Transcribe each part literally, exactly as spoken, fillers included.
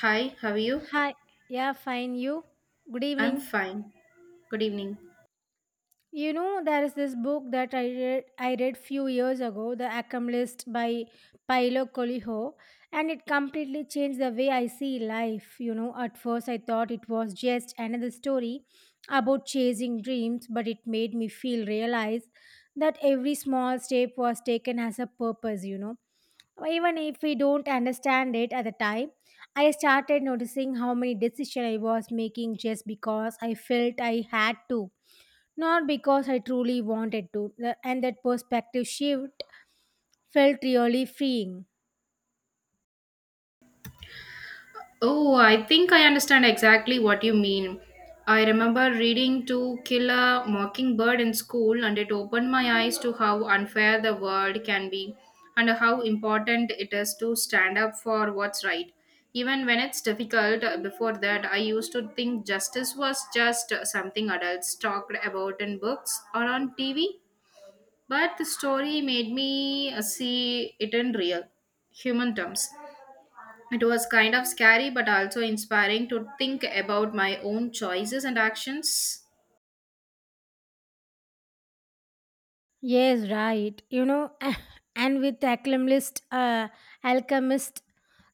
Hi, how are you? Hi. Yeah, fine. You? Good I'm evening. fine. Good evening. You know, there is this book that I read I read few years ago, The Alchemist by Paolo Coelho, and it completely changed the way I see life. You know, at first I thought it was just another story about chasing dreams, but it made me feel realize that every small step was taken as a purpose, you know even if we don't understand it at the time. I started noticing how many decisions I was making just because I felt I had to, not because I truly wanted to, the- and that perspective shift felt really freeing. Oh, I think I understand exactly what you mean. I remember reading To Kill a Mockingbird in school, and it opened my eyes to how unfair the world can be and how important it is to stand up for what's right. Even when it's difficult, uh, before that, I used to think justice was just uh, something adults talked about in books or on T V. But the story made me uh, see it in real human terms. It was kind of scary, but also inspiring to think about my own choices and actions. Yes, right. You know, and with the Alchemist, uh, alchemist,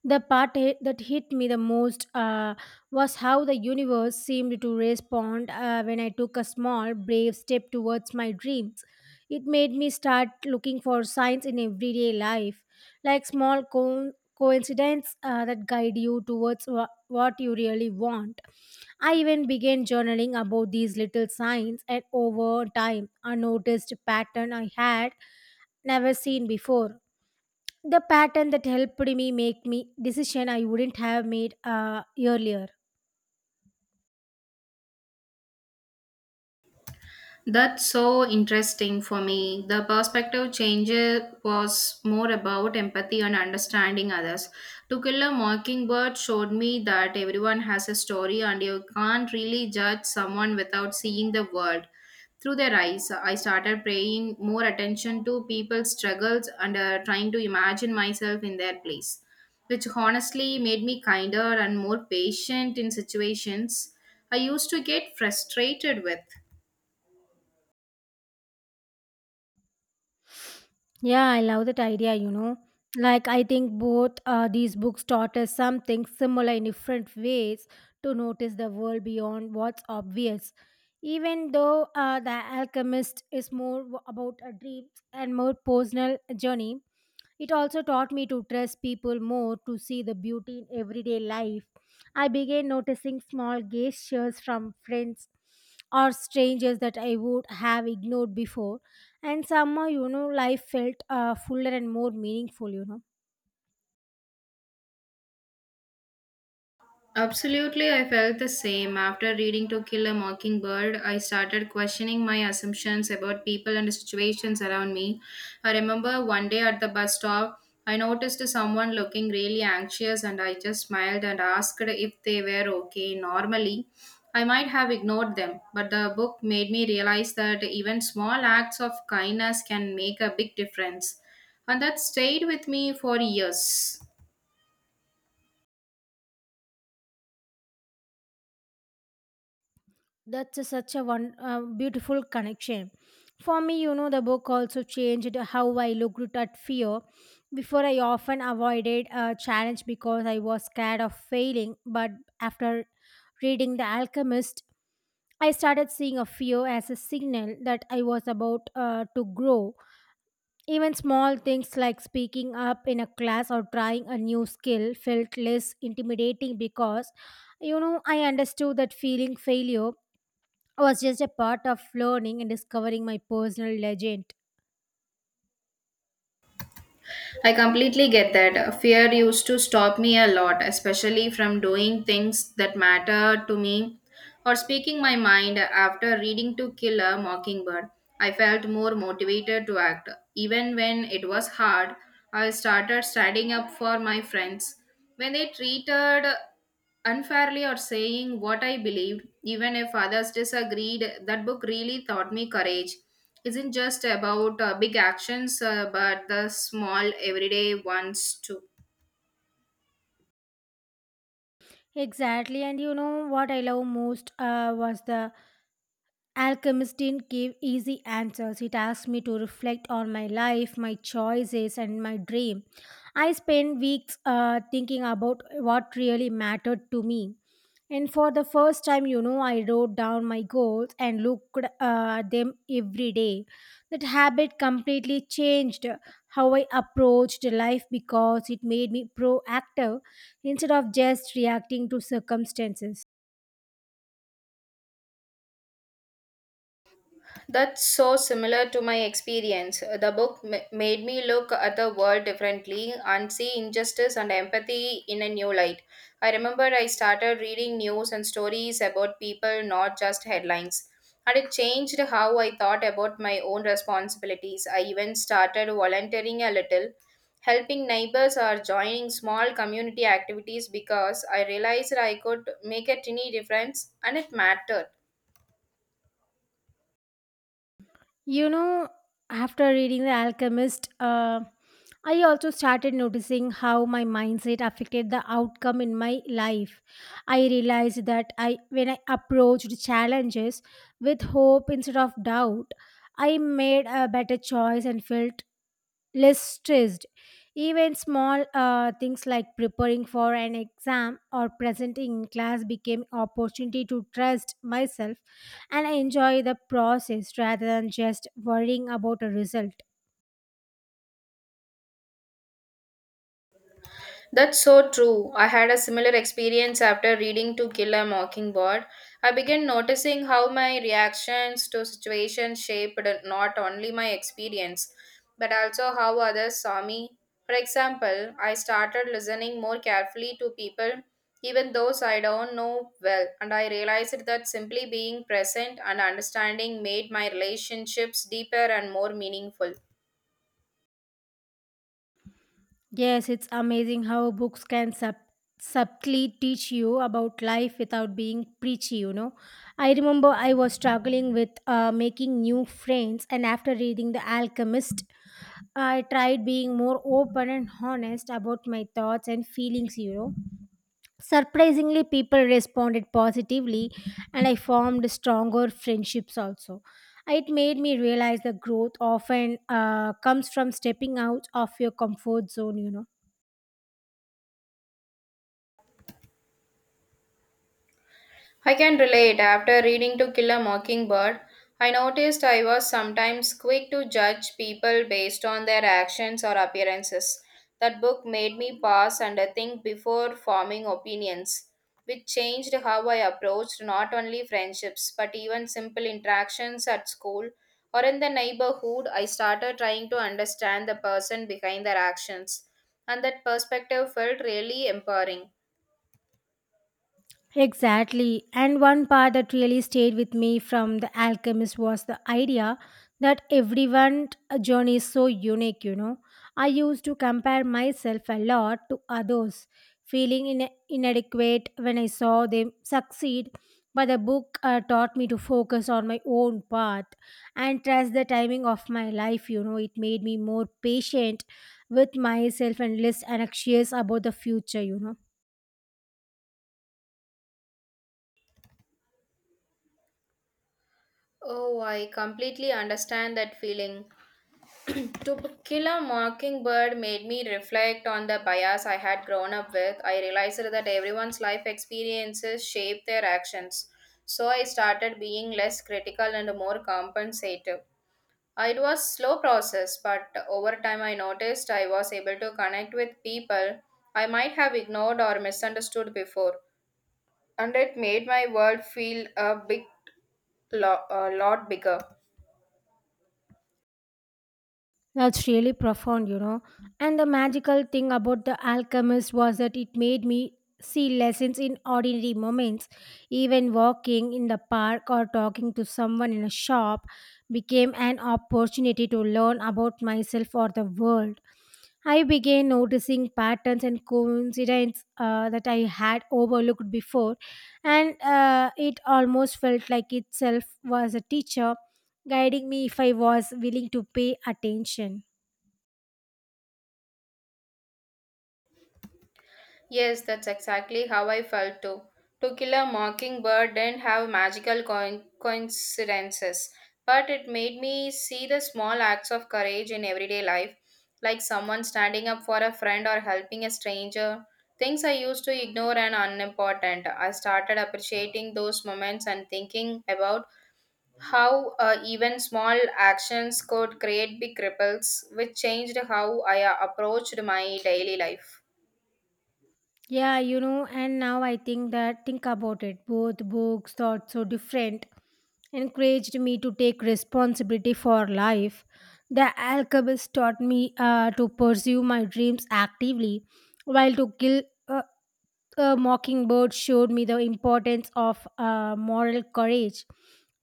the part hit- that hit me the most uh, was how the universe seemed to respond uh, when I took a small, brave step towards my dreams. It made me start looking for signs in everyday life, like small co- coincidences uh, that guide you towards wha- what you really want. I even began journaling about these little signs, and over time, I noticed a pattern I had never seen before, the pattern that helped me make me decision I wouldn't have made uh, earlier. That's so interesting for me. The perspective change was more about empathy and understanding others. To Kill a Mockingbird showed me that everyone has a story and you can't really judge someone without seeing the world through their eyes. I started paying more attention to people's struggles and uh, trying to imagine myself in their place, which honestly made me kinder and more patient in situations I used to get frustrated with. Yeah, I love that idea, you know. Like, I think both uh, these books taught us something similar in different ways to notice the world beyond what's obvious. Even though uh, The Alchemist is more w- about a dream and more personal journey, it also taught me to trust people more, to see the beauty in everyday life. I began noticing small gestures from friends or strangers that I would have ignored before, and somehow you know life felt uh, fuller and more meaningful you know Absolutely, I felt the same. After reading To Kill a Mockingbird, I started questioning my assumptions about people and situations around me. I remember one day at the bus stop, I noticed someone looking really anxious and I just smiled and asked if they were okay. Normally, I might have ignored them, but the book made me realize that even small acts of kindness can make a big difference. And that stayed with me for years. That's a, such a one uh, beautiful connection for me you know the book also changed how I looked at fear. Before, I often avoided a challenge because I was scared of failing, but after reading The Alchemist, I started seeing a fear as a signal that I was about uh, to grow Even small things like speaking up in a class or trying a new skill felt less intimidating because, you know, I understood that feeling failure was just a part of learning and discovering my personal legend. I completely get that. Fear used to stop me a lot, especially from doing things that matter to me or speaking my mind after reading To Kill a Mockingbird. I felt more motivated to act. Even when it was hard, I started standing up for my friends. When they treated unfairly or saying what I believed, even if others disagreed, that book really taught me courage isn't just about uh, big actions, uh, but the small everyday ones too. Exactly, and you know what I love most uh, was the Alchemist didn't give easy answers. It asked me to reflect on my life, my choices, and my dream. I spent weeks uh, thinking about what really mattered to me. And for the first time, you know, I wrote down my goals and looked uh, at them every day. That habit completely changed how I approached life because it made me proactive instead of just reacting to circumstances. That's so similar to my experience. The book ma- made me look at the world differently and see injustice and empathy in a new light. I remember I started reading news and stories about people, not just headlines. And it changed how I thought about my own responsibilities. I even started volunteering a little, helping neighbors or joining small community activities because I realized I could make a tiny difference and it mattered. You know, after reading The Alchemist, uh, I also started noticing how my mindset affected the outcome in my life. I realized that I, when I approached challenges with hope instead of doubt, I made a better choice and felt less stressed. Even small uh, things like preparing for an exam or presenting in class became opportunity to trust myself and enjoy the process rather than just worrying about a result. That's so true. I had a similar experience after reading To Kill a Mockingbird. I began noticing how my reactions to situations shaped not only my experience, but also how others saw me. For example, I started listening more carefully to people, even those I don't know well, and I realized that simply being present and understanding made my relationships deeper and more meaningful. Yes, it's amazing how books can sub- subtly teach you about life without being preachy, you know. I remember I was struggling with uh, making new friends, and after reading The Alchemist, I tried being more open and honest about my thoughts and feelings, you know. Surprisingly, people responded positively, and I formed stronger friendships also. It made me realize that growth often uh, comes from stepping out of your comfort zone, you know. I can relate. After reading To Kill a Mockingbird, I noticed I was sometimes quick to judge people based on their actions or appearances. That book made me pause and think before forming opinions, which changed how I approached not only friendships but even simple interactions at school or in the neighborhood. I started trying to understand the person behind their actions, and that perspective felt really empowering. Exactly. And one part that really stayed with me from The Alchemist was the idea that everyone's journey is so unique, you know. I used to compare myself a lot to others, feeling in inadequate when I saw them succeed. But the book uh, taught me to focus on my own path and trust the timing of my life, you know. It made me more patient with myself and less anxious about the future, you know. Oh, I completely understand that feeling. To B- Kill a Mockingbird made me reflect on the bias I had grown up with. I realized that everyone's life experiences shape their actions. So I started being less critical and more compensative. It was slow process, but over time I noticed I was able to connect with people I might have ignored or misunderstood before, and it made my world feel a big lo- a lot bigger. That's really profound, you know. And the magical thing about The Alchemist was that it made me see lessons in ordinary moments. Even walking in the park or talking to someone in a shop became an opportunity to learn about myself or the world. I began noticing patterns and coincidences uh, that I had overlooked before, and uh, it almost felt like itself was a teacher guiding me if I was willing to pay attention. Yes, that's exactly how I felt too. To Kill a Mockingbird didn't have magical coin- coincidences, but it made me see the small acts of courage in everyday life, like someone standing up for a friend or helping a stranger. Things I used to ignore and unimportant. I started appreciating those moments and thinking about how uh, even small actions could create big ripples, which changed how I uh, approached my daily life. Yeah, you know, and now I think that think about it. Both books thought so different encouraged me to take responsibility for life. The Alchemist taught me uh, to pursue my dreams actively, while To Kill a, a Mockingbird showed me the importance of uh, moral courage.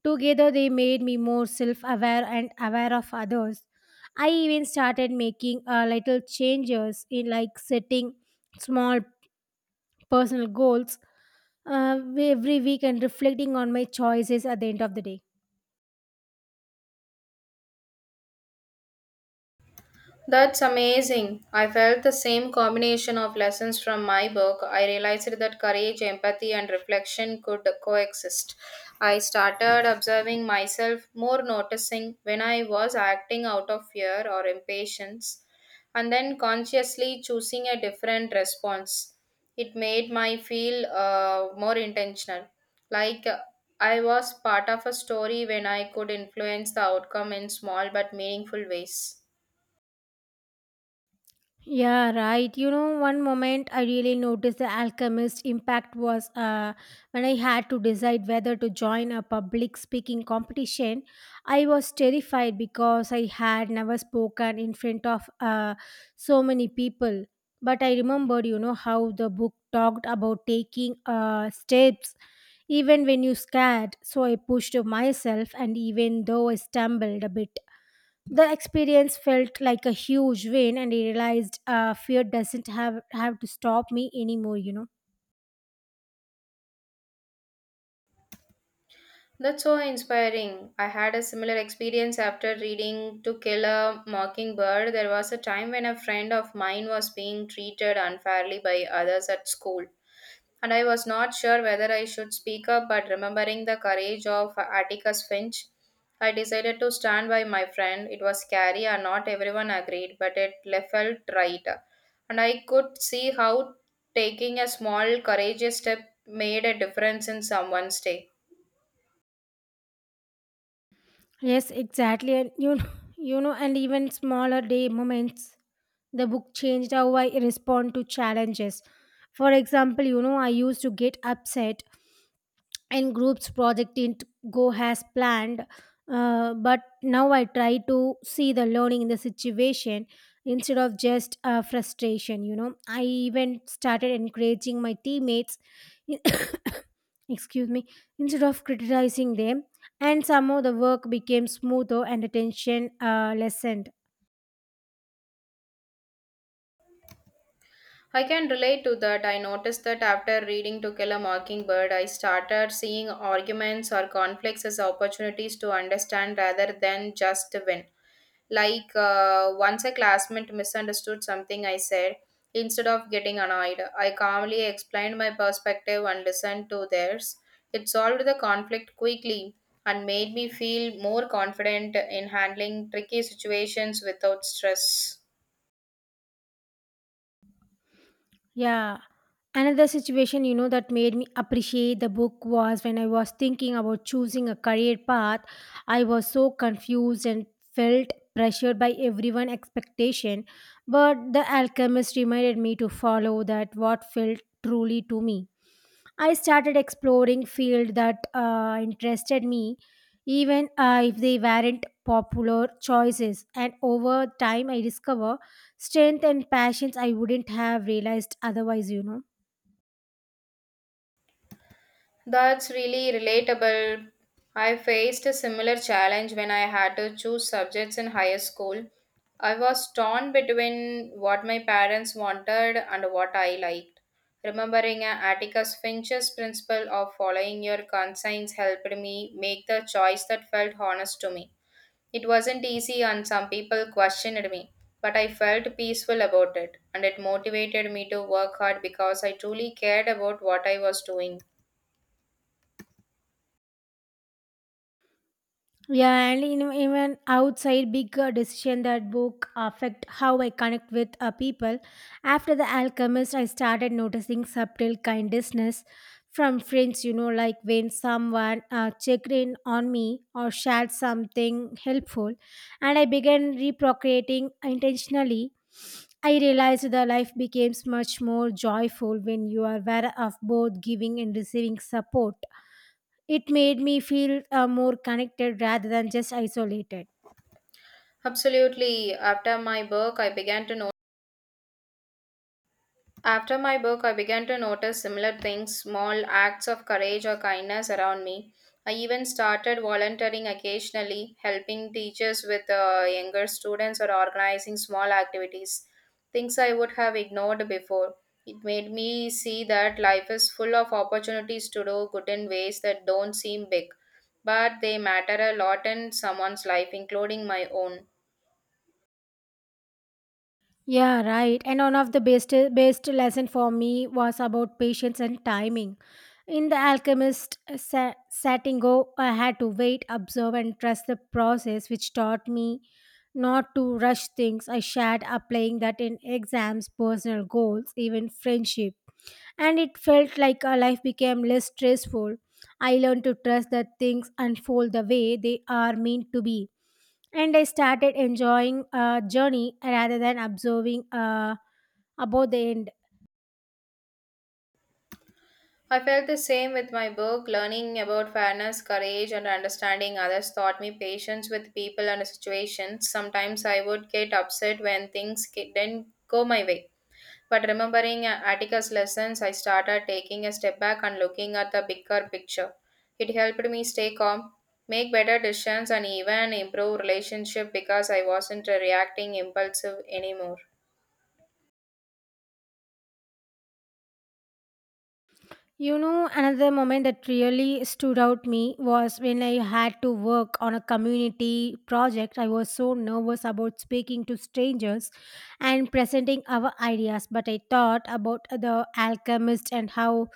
Together, they made me more self-aware and aware of others. I even started making uh, little changes, in like setting small personal goals uh, every week and reflecting on my choices at the end of the day. That's amazing. I felt the same combination of lessons from my book. I realized that courage, empathy, and reflection could coexist. I started observing myself more, noticing when I was acting out of fear or impatience, and then consciously choosing a different response. It made my feel uh, more intentional, like uh, I was part of a story when I could influence the outcome in small but meaningful ways. Yeah, right. You know, one moment I really noticed the Alchemist impact was uh, when I had to decide whether to join a public speaking competition. I was terrified because I had never spoken in front of uh, so many people. But I remembered, you know, how the book talked about taking uh, steps even when you're scared. So I pushed myself, and even though I stumbled a bit, the experience felt like a huge win, and I realized uh, fear doesn't have have to stop me anymore. You know. That's so inspiring. I had a similar experience after reading To Kill a Mockingbird. There was a time when a friend of mine was being treated unfairly by others at school, and I was not sure whether I should speak up, but remembering the courage of Atticus Finch, I decided to stand by my friend. It was scary and not everyone agreed, but it le- felt right. And I could see how taking a small, courageous step made a difference in someone's day. Yes, exactly, and you know, you know, and even smaller day moments. The book changed how I respond to challenges. For example, you know, I used to get upset in groups project didn't go as planned, uh, but now I try to see the learning in the situation instead of just uh, frustration. you know I even started encouraging my teammates, excuse me, instead of criticizing them, and somehow the work became smoother and the tension uh, lessened. I can relate to that. I noticed that after reading To Kill a Mockingbird, I started seeing arguments or conflicts as opportunities to understand rather than just to win. Like uh, once a classmate misunderstood something I said, instead of getting annoyed, I calmly explained my perspective and listened to theirs. It solved the conflict quickly and made me feel more confident in handling tricky situations without stress. Yeah. Another situation, you know, that made me appreciate the book was when I was thinking about choosing a career path. I was so confused and felt pressured by everyone' expectation. But The Alchemist reminded me to follow that what felt truly to me. I started exploring fields that uh, interested me, even uh, if they weren't popular choices. And over time, I discover strength and passions I wouldn't have realized otherwise. You know. That's really relatable. I faced a similar challenge when I had to choose subjects in higher school. I was torn between what my parents wanted and what I liked. Remembering Atticus Finch's principle of following your conscience helped me make the choice that felt honest to me. It wasn't easy, and some people questioned me, but I felt peaceful about it, and it motivated me to work hard because I truly cared about what I was doing. Yeah, and in, even outside bigger decision, that book affect how I connect with uh, people. After The Alchemist, I started noticing subtle kindness from friends, you know, like when someone uh, checked in on me or shared something helpful, and I began reprocreating intentionally. I realized that life becomes much more joyful when you are aware of both giving and receiving support. It made me feel uh, more connected rather than just isolated. Absolutely. After my book, I began to note. After my book, I began to notice similar things, small acts of courage or kindness around me. I even started volunteering occasionally, helping teachers with uh, younger students or organizing small activities, things I would have ignored before. It made me see that life is full of opportunities to do good in ways that don't seem big, but they matter a lot in someone's life, including my own. Yeah, right. And one of the best best lesson for me was about patience and timing. In The Alchemist uh, sa- Satingo, I had to wait, observe, and trust the process, which taught me not to rush things. I shared applying that in exams, personal goals, even friendship, and it felt like our life became less stressful. I learned to trust that things unfold the way they are meant to be. And I started enjoying a journey rather than observing uh, about the end. I felt the same with my book. Learning about fairness, courage, and understanding others taught me patience with people and situations. Sometimes I would get upset when things ki- didn't go my way. But remembering uh, Atticus' lessons, I started taking a step back and looking at the bigger picture. It helped me stay calm, make better decisions, and even improve relationship because I wasn't uh, reacting impulsive anymore. You know, another moment that really stood out me was when I had to work on a community project. I was so nervous about speaking to strangers and presenting our ideas, but I thought about the Alchemist and how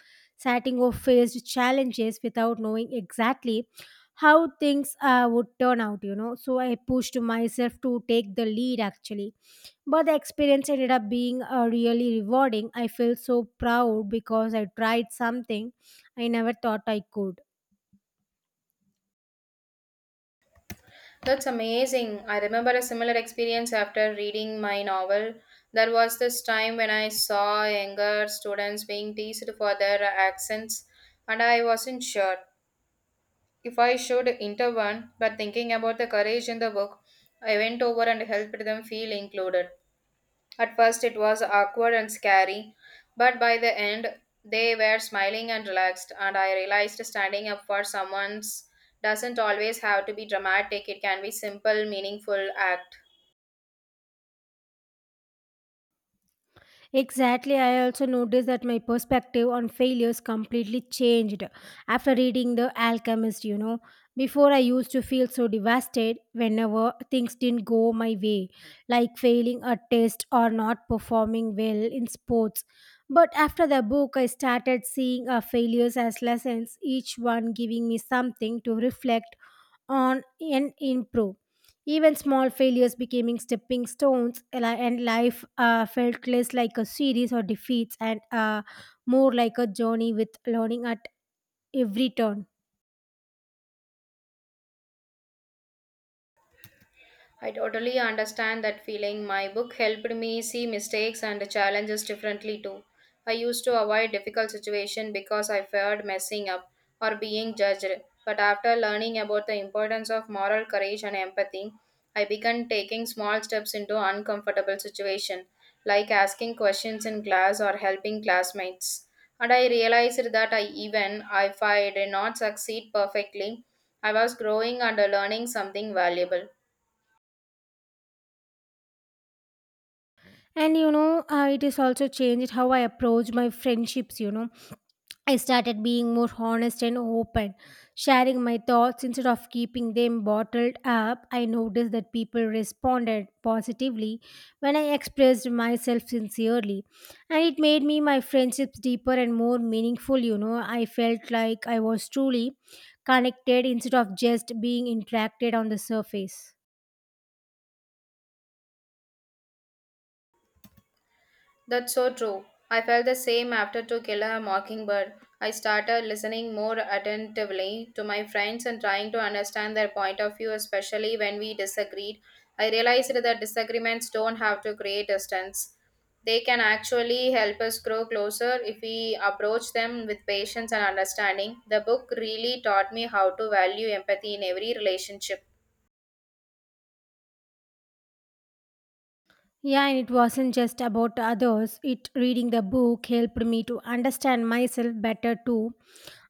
Satingo faced challenges without knowing exactly how things uh, would turn out, you know. So I pushed myself to take the lead actually. But the experience ended up being uh, really rewarding. I feel so proud because I tried something I never thought I could. That's amazing. I remember a similar experience after reading my novel. There was this time when I saw younger students being teased for their accents, and I wasn't sure if I should intervene, but thinking about the courage in the book, I went over and helped them feel included. At first, it was awkward and scary, but by the end, they were smiling and relaxed, and I realized standing up for someone doesn't always have to be dramatic, it can be simple, meaningful act. Exactly, I also noticed that my perspective on failures completely changed after reading The Alchemist. You know, before, I used to feel so devastated whenever things didn't go my way, like failing a test or not performing well in sports. But after the book, I started seeing our failures as lessons, each one giving me something to reflect on and improve. Even small failures becoming stepping stones, and li- and life uh, felt less like a series or defeats, and uh, more like a journey with learning at every turn. I totally understand that feeling. My book helped me see mistakes and challenges differently too. I used to avoid difficult situations because I feared messing up or being judged. But after learning about the importance of moral courage and empathy, I began taking small steps into uncomfortable situations, like asking questions in class or helping classmates. And I realized that I even if I did not succeed perfectly, I was growing and learning something valuable. And you know uh, it is also changed how I approach my friendships you know I started being more honest and open, sharing my thoughts instead of keeping them bottled up. I noticed that people responded positively when I expressed myself sincerely, and it made me my friendships deeper and more meaningful. You know, I felt like I was truly connected instead of just being interacted on the surface. That's so true. I felt the same after To Kill a Mockingbird. I started listening more attentively to my friends and trying to understand their point of view, especially when we disagreed. I realized that disagreements don't have to create distance. They can actually help us grow closer if we approach them with patience and understanding. The book really taught me how to value empathy in every relationship. Yeah, and it wasn't just about others. It reading the book helped me to understand myself better too.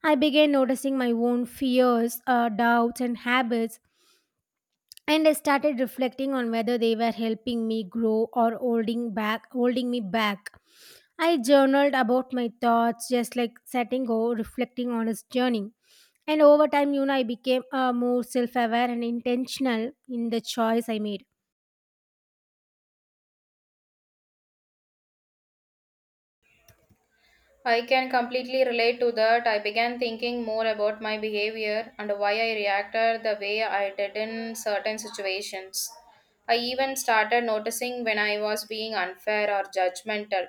I began noticing my own fears, uh, doubts, and habits, and I started reflecting on whether they were helping me grow or holding back, holding me back. I journaled about my thoughts, just like setting go, reflecting on his journey. And over time, you know, I became uh, more self-aware and intentional in the choice I made. I can completely relate to that. I began thinking more about my behavior and why I reacted the way I did in certain situations. I even started noticing when I was being unfair or judgmental,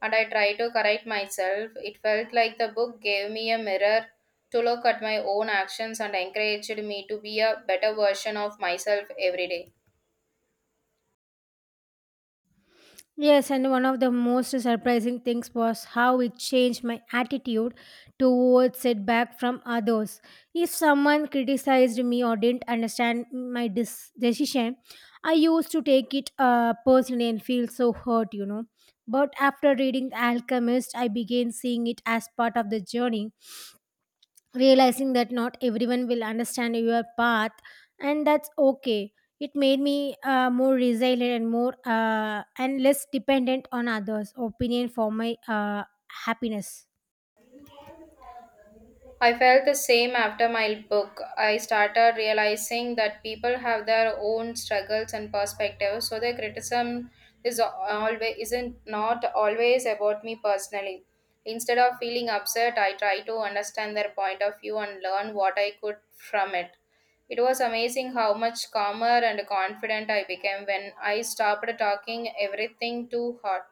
and I tried to correct myself. It felt like the book gave me a mirror to look at my own actions and encouraged me to be a better version of myself every day. Yes, and one of the most surprising things was how it changed my attitude towards setback from others. If someone criticized me or didn't understand my dis- decision, I used to take it uh, personally and feel so hurt, you know. But after reading The Alchemist, I began seeing it as part of the journey, realizing that not everyone will understand your path, and that's okay. It made me uh, more resilient and more uh, and less dependent on others' opinion for my uh, happiness. I felt the same after my book. I started realizing that people have their own struggles and perspectives, so their criticism is always isn't not always about me personally. Instead of feeling upset, I try to understand their point of view and learn what I could from it. It was amazing how much calmer and confident I became when I stopped talking everything too hard.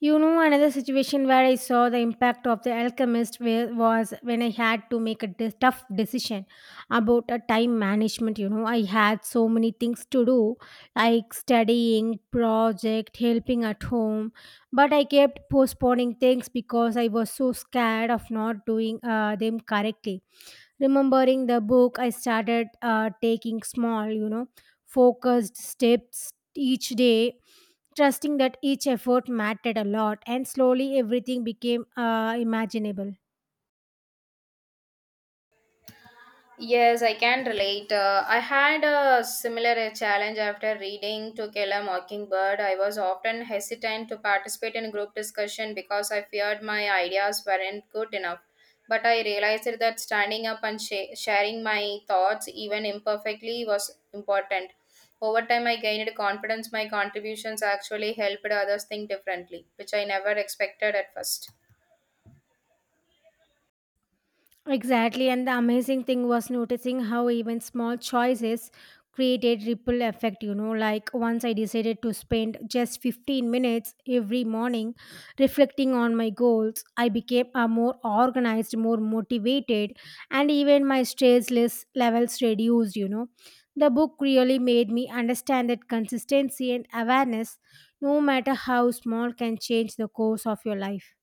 You know, another situation where I saw the impact of The Alchemist where, was when I had to make a de- tough decision about a time management. You know, I had so many things to do, like studying, project, helping at home, but I kept postponing things because I was so scared of not doing uh, them correctly. Remembering the book, I started uh, taking small, you know, focused steps each day, trusting that each effort mattered a lot, and slowly everything became uh, imaginable. Yes, I can relate. Uh, I had a similar uh, challenge after reading To Kill a Mockingbird. I was often hesitant to participate in group discussion because I feared my ideas weren't good enough. But I realized that standing up and sh- sharing my thoughts, even imperfectly, was important. Over time, I gained confidence my contributions actually helped others think differently, which I never expected at first. Exactly, and the amazing thing was noticing how even small choices created ripple effect. You know, like once I decided to spend just fifteen minutes every morning reflecting on my goals, I became a more organized, more motivated, and even my stress less levels reduced, you know. The book really made me understand that consistency and awareness, no matter how small, can change the course of your life.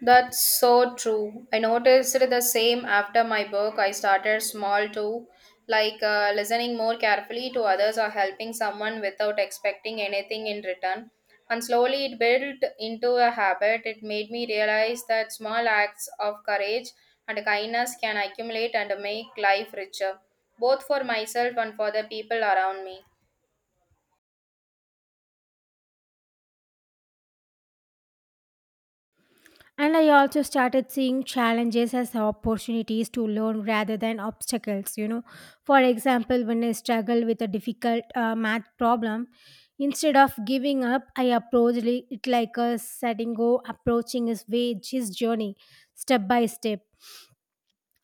That's so true. I noticed the same after my book. I started small too, like uh, listening more carefully to others or helping someone without expecting anything in return. And slowly it built into a habit. It made me realize that small acts of courage and kindness can accumulate and make life richer, both for myself and for the people around me. And I also started seeing challenges as opportunities to learn rather than obstacles. You know, for example, when I struggle with a difficult uh, math problem, instead of giving up, I approach li- it like a setting go, approaching his way, his journey, step by step,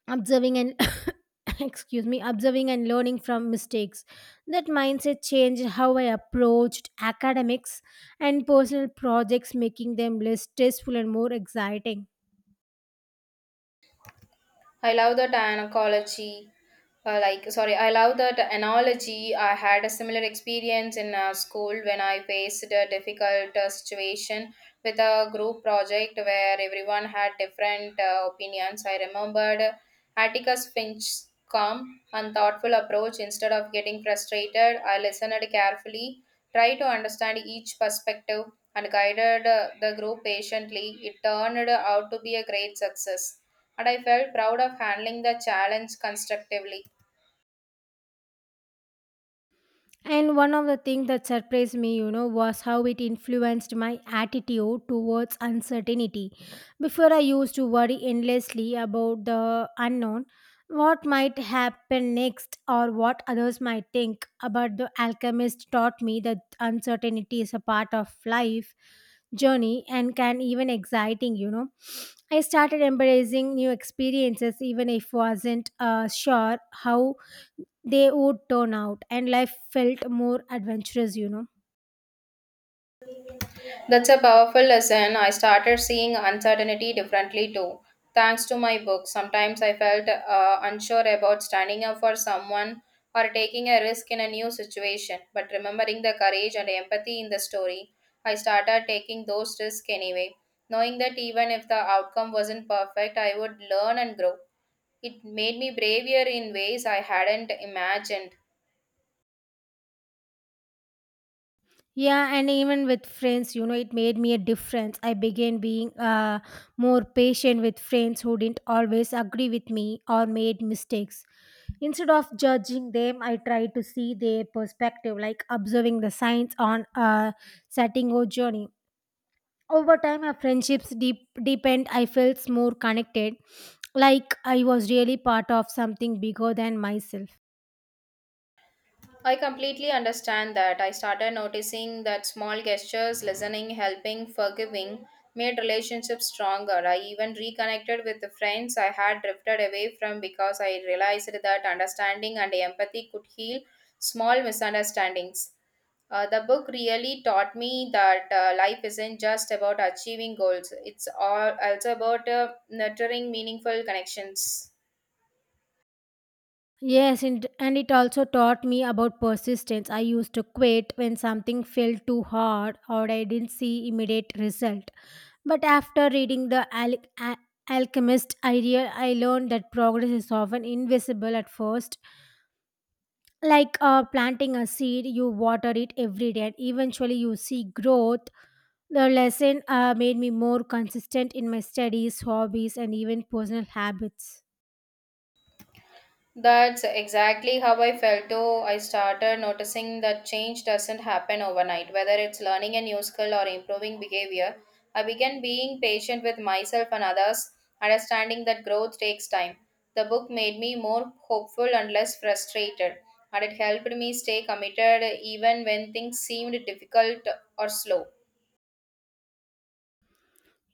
observing and excuse me, observing and learning from mistakes. That mindset changed how I approached academics and personal projects, making them less stressful and more exciting. I love that analogy. Uh, like sorry I love that analogy. I had a similar experience in uh, school when I faced a difficult uh, situation with a group project where everyone had different uh, opinions. I remembered Atticus Finch's calm and thoughtful approach. Instead of getting frustrated, I listened carefully, tried to understand each perspective, and guided uh, the group patiently. It turned out to be a great success, and I felt proud of handling the challenge constructively. And one of the things that surprised me, you know, was how it influenced my attitude towards uncertainty. Before, I used to worry endlessly about the unknown, what might happen next, or what others might think. But the alchemist taught me that uncertainty is a part of life journey and can even exciting, you know. I started embracing new experiences even if wasn't uh, sure how they would turn out, and life felt more adventurous, you know. That's a powerful lesson. I started seeing uncertainty differently too. Thanks to my book, sometimes I felt uh, unsure about standing up for someone or taking a risk in a new situation. But remembering the courage and empathy in the story, I started taking those risks anyway. Knowing that even if the outcome wasn't perfect, I would learn and grow. It made me braver in ways I hadn't imagined. Yeah, and even with friends, you know, it made me a difference. I began being uh, more patient with friends who didn't always agree with me or made mistakes. Instead of judging them, I tried to see their perspective, like observing the signs on a setting or journey. Over time our friendships deep, deepened. I felt more connected, like I was really part of something bigger than myself. I completely understand that. I started noticing that small gestures, listening, helping, forgiving, made relationships stronger. I even reconnected with the friends I had drifted away from because I realized that understanding and empathy could heal small misunderstandings. Uh, the book really taught me that uh, life isn't just about achieving goals, it's all, also about uh, nurturing meaningful connections. Yes, and, and it also taught me about persistence. I used to quit when something felt too hard or I didn't see immediate result. But after reading The Al- A- Alchemist, I, real- I learned that progress is often invisible at first. Like uh, planting a seed, you water it every day and eventually you see growth. The lesson uh, made me more consistent in my studies, hobbies, and even personal habits. That's exactly how I felt too. I started noticing that change doesn't happen overnight, whether it's learning a new skill or improving behavior. I began being patient with myself and others, understanding that growth takes time. The book made me more hopeful and less frustrated, and it helped me stay committed even when things seemed difficult or slow.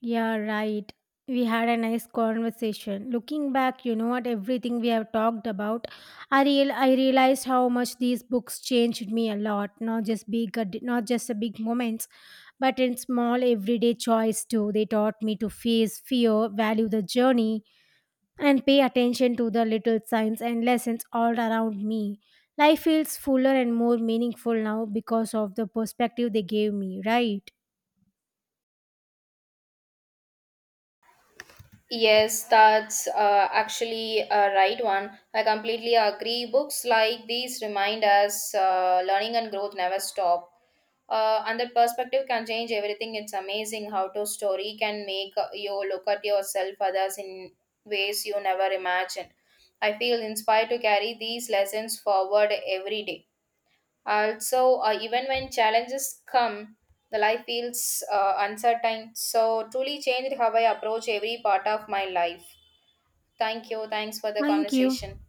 Yeah, right. We had a nice conversation. Looking back, you know what, everything we have talked about, I real I realized how much these books changed me a lot. Not just big, not just the big moments, but in small everyday choice too. They taught me to face fear, value the journey, and pay attention to the little signs and lessons all around me. Life feels fuller and more meaningful now because of the perspective they gave me. Right. Yes, that's uh, actually a right one. I completely agree. Books like these remind us uh, learning and growth never stop. Uh, and that perspective can change everything. It's amazing how to story can make uh, you look at yourself, others in ways you never imagined. I feel inspired to carry these lessons forward every day. Also, uh, even when challenges come, the life feels uh, uncertain. So, truly changed how I approach every part of my life. Thank you. Thanks for the Thank you. conversation.